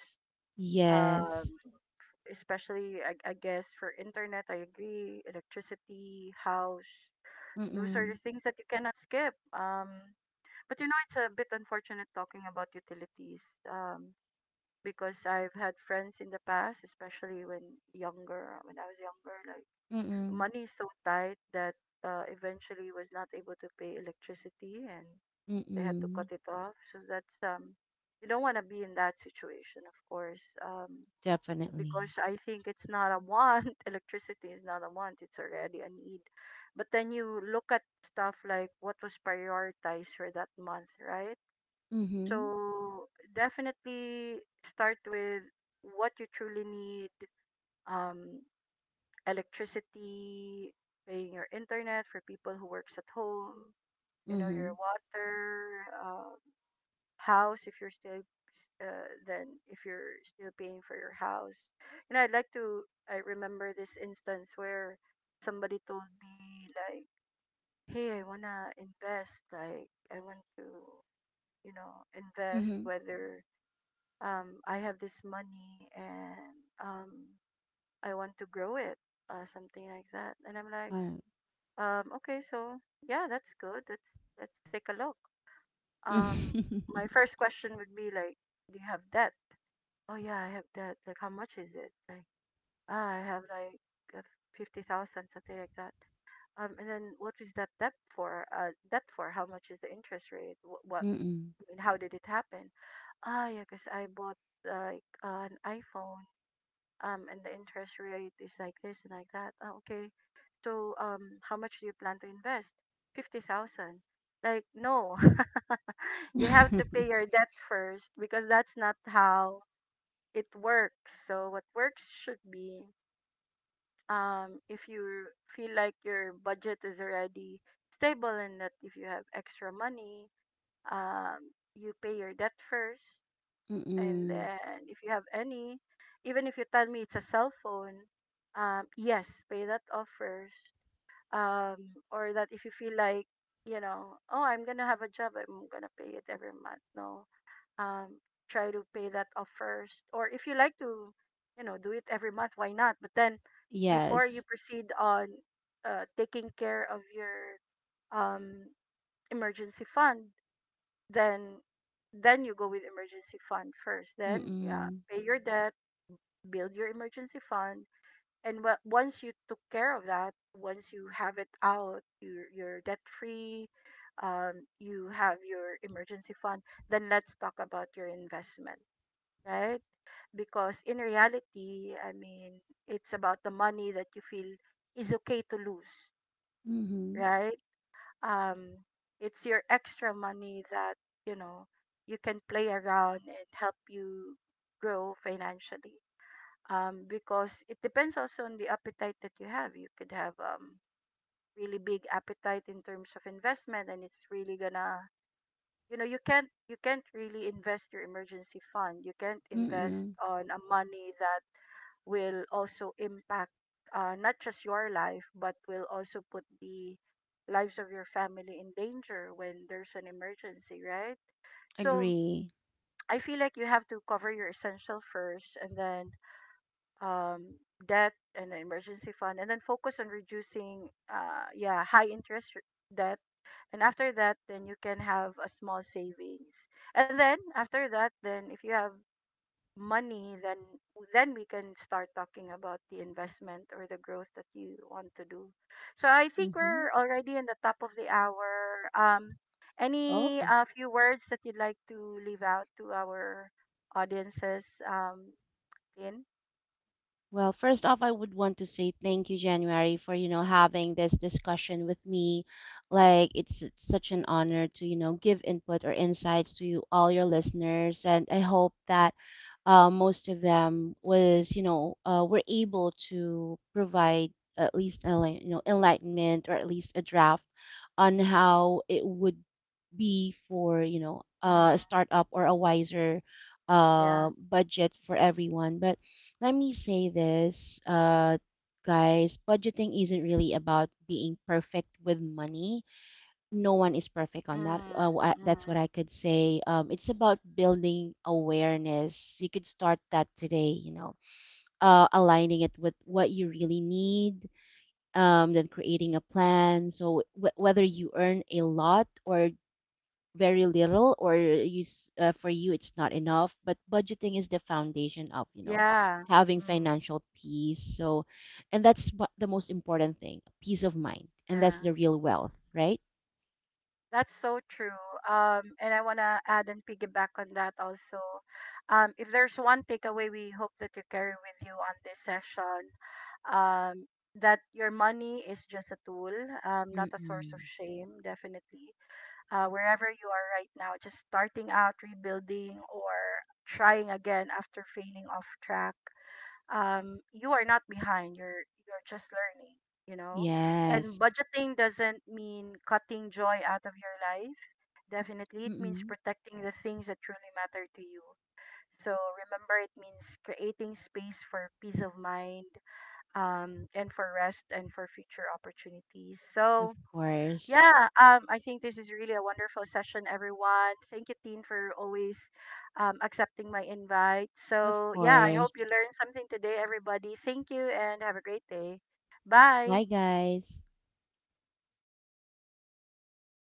A: Um,
B: Yes.
A: Especially, I, I guess, for internet, I agree, electricity, house, those are the
B: Mm-mm.
A: things that you cannot skip. Um, but you know, it's a bit unfortunate talking about utilities um, because I've had friends in the past, especially when younger, when I was younger, like
B: Mm-mm.
A: money is so tight that uh, eventually was not able to pay electricity and they had to
B: Mm-mm.
A: cut it off. So that's um You don't want to be in that situation, of course. Um
B: Definitely.
A: because I think it's not a want. (laughs) Electricity is not a want, it's already a need. But then you look at stuff like what was prioritized for that month, right?
B: Mm-hmm.
A: So definitely start with what you truly need, um electricity, paying your internet for people who works at home, you know,
B: Mm-hmm.
A: your water, um house if you're still uh, then if you're still paying for your house. You know, I'd like to, I remember this instance where somebody told me like, hey, I want to invest, like I want to, you know, invest
B: Mm-hmm.
A: whether, um I have this money, and um I want to grow it, uh, something like that. And I'm like,
B: All right.
A: um okay, so yeah, that's good let's let's take a look. um my first question would be like, do you have debt? Oh yeah, I have that. Like, how much is it? Like, ah, I have like uh, fifty thousand, something like that. Um, and then what is that debt for? Uh, debt for? How much is the interest rate? What? what
B: (laughs) Mm-mm.
A: I mean, how did it happen? Ah, yeah, because I bought like uh, an iPhone. Um, and the interest rate is like this and like that. Ah, okay. So, um, how much do you plan to invest? Fifty thousand. Like, no, (laughs) you have to pay
B: (laughs)
A: your debt first because that's not how it works. So what works should be, um if you feel like your budget is already stable, and that if you have extra money, um you pay your debt first, and
B: Mm-mm.
A: then if you have any, even if you tell me it's a cell phone, um yes, pay that off first. Um or that if you feel like, you know, oh I'm gonna have a job, I'm gonna pay it every month. No um, try to pay that off first. Or if you like to, you know, do it every month, why not? But then before you
B: Yes.
A: proceed on uh, taking care of your um, emergency fund, then then you go with emergency fund first. Then yeah,
B: Mm-mm.
A: pay your debt, build your emergency fund, and wha- once you took care of that, once you have it out, you're, you're debt free. Um, you have your emergency fund. Then let's talk about your investment, right? Because in reality, I mean, it's about the money that you feel is okay to lose,
B: Mm-hmm.
A: right? Um, it's your extra money that, you know, you can play around and help you grow financially. Um, because it depends also on the appetite that you have. You could have um really big appetite in terms of investment, and it's really gonna, you know, you can't you can't really invest your emergency fund, you can't invest
B: Mm-mm.
A: on a money that will also impact, uh, not just your life, but will also put the lives of your family in danger when there's an emergency, right? So
B: Agree.
A: I feel like you have to cover your essential first, and then um, debt, and then emergency fund, and then focus on reducing uh, yeah, high interest r- debt. And after that, then you can have a small savings, and then after that, then if you have money, then then we can start talking about the investment or the growth that you want to do. So I think
B: Mm-hmm.
A: we're already in the top of the hour. Um any
B: Oh.
A: uh, few words that you'd like to leave out to our audiences, um in,
B: Well, first off, I would want to say thank you, January, for, you know, having this discussion with me. Like, it's s- such an honor to, you know, give input or insights to you, all your listeners. And I hope that uh, most of them was, you know, uh, were able to provide at least a li- you know, enlightenment or at least a draft on how it would be for, you know, uh, a startup or a wiser uh,
A: yeah.
B: budget for everyone. But let me say this, uh, guys, budgeting isn't really about being perfect with money. No one is perfect on that. Uh,
A: Mm,
B: wh- I- that's what
A: mm,
B: I could say. Um, it's about building awareness. You could start that today, you know, uh, aligning it with what you really need, um, then creating a plan. So, w- whether you earn a lot or very little, or you s- uh, for you it's not enough, but budgeting is the foundation of, you know,
A: yeah.
B: having
A: Mm,
B: financial peace. So, and that's what the most important thing, peace of mind, and that's
A: yeah.
B: the real wealth, right?
A: That's so true. Um, and I want to add and piggyback on that also. Um, if there's one takeaway we hope that you carry with you on this session, um, that your money is just a tool, um, not a source of
B: Mm-mm.
A: shame, definitely. Uh, wherever you are right now, just starting out, rebuilding, or trying again after failing off track, um, you are not behind. You're you're just learning, you know. And
B: Yes.
A: budgeting doesn't mean cutting joy out of your life. Definitely, it means
B: Mm-mm.
A: protecting the things that truly matter to you. So remember, it means creating space for peace of mind, um, and for rest and for future opportunities.
B: Of
A: So
B: course.
A: yeah, um, I think this is really a wonderful session, everyone. Thank you, Teen, for always um, accepting my invite.
B: Of
A: So, yeah, I
B: course.
A: hope you learned something today, everybody. Thank you and have a great day. Bye.
B: Bye, guys.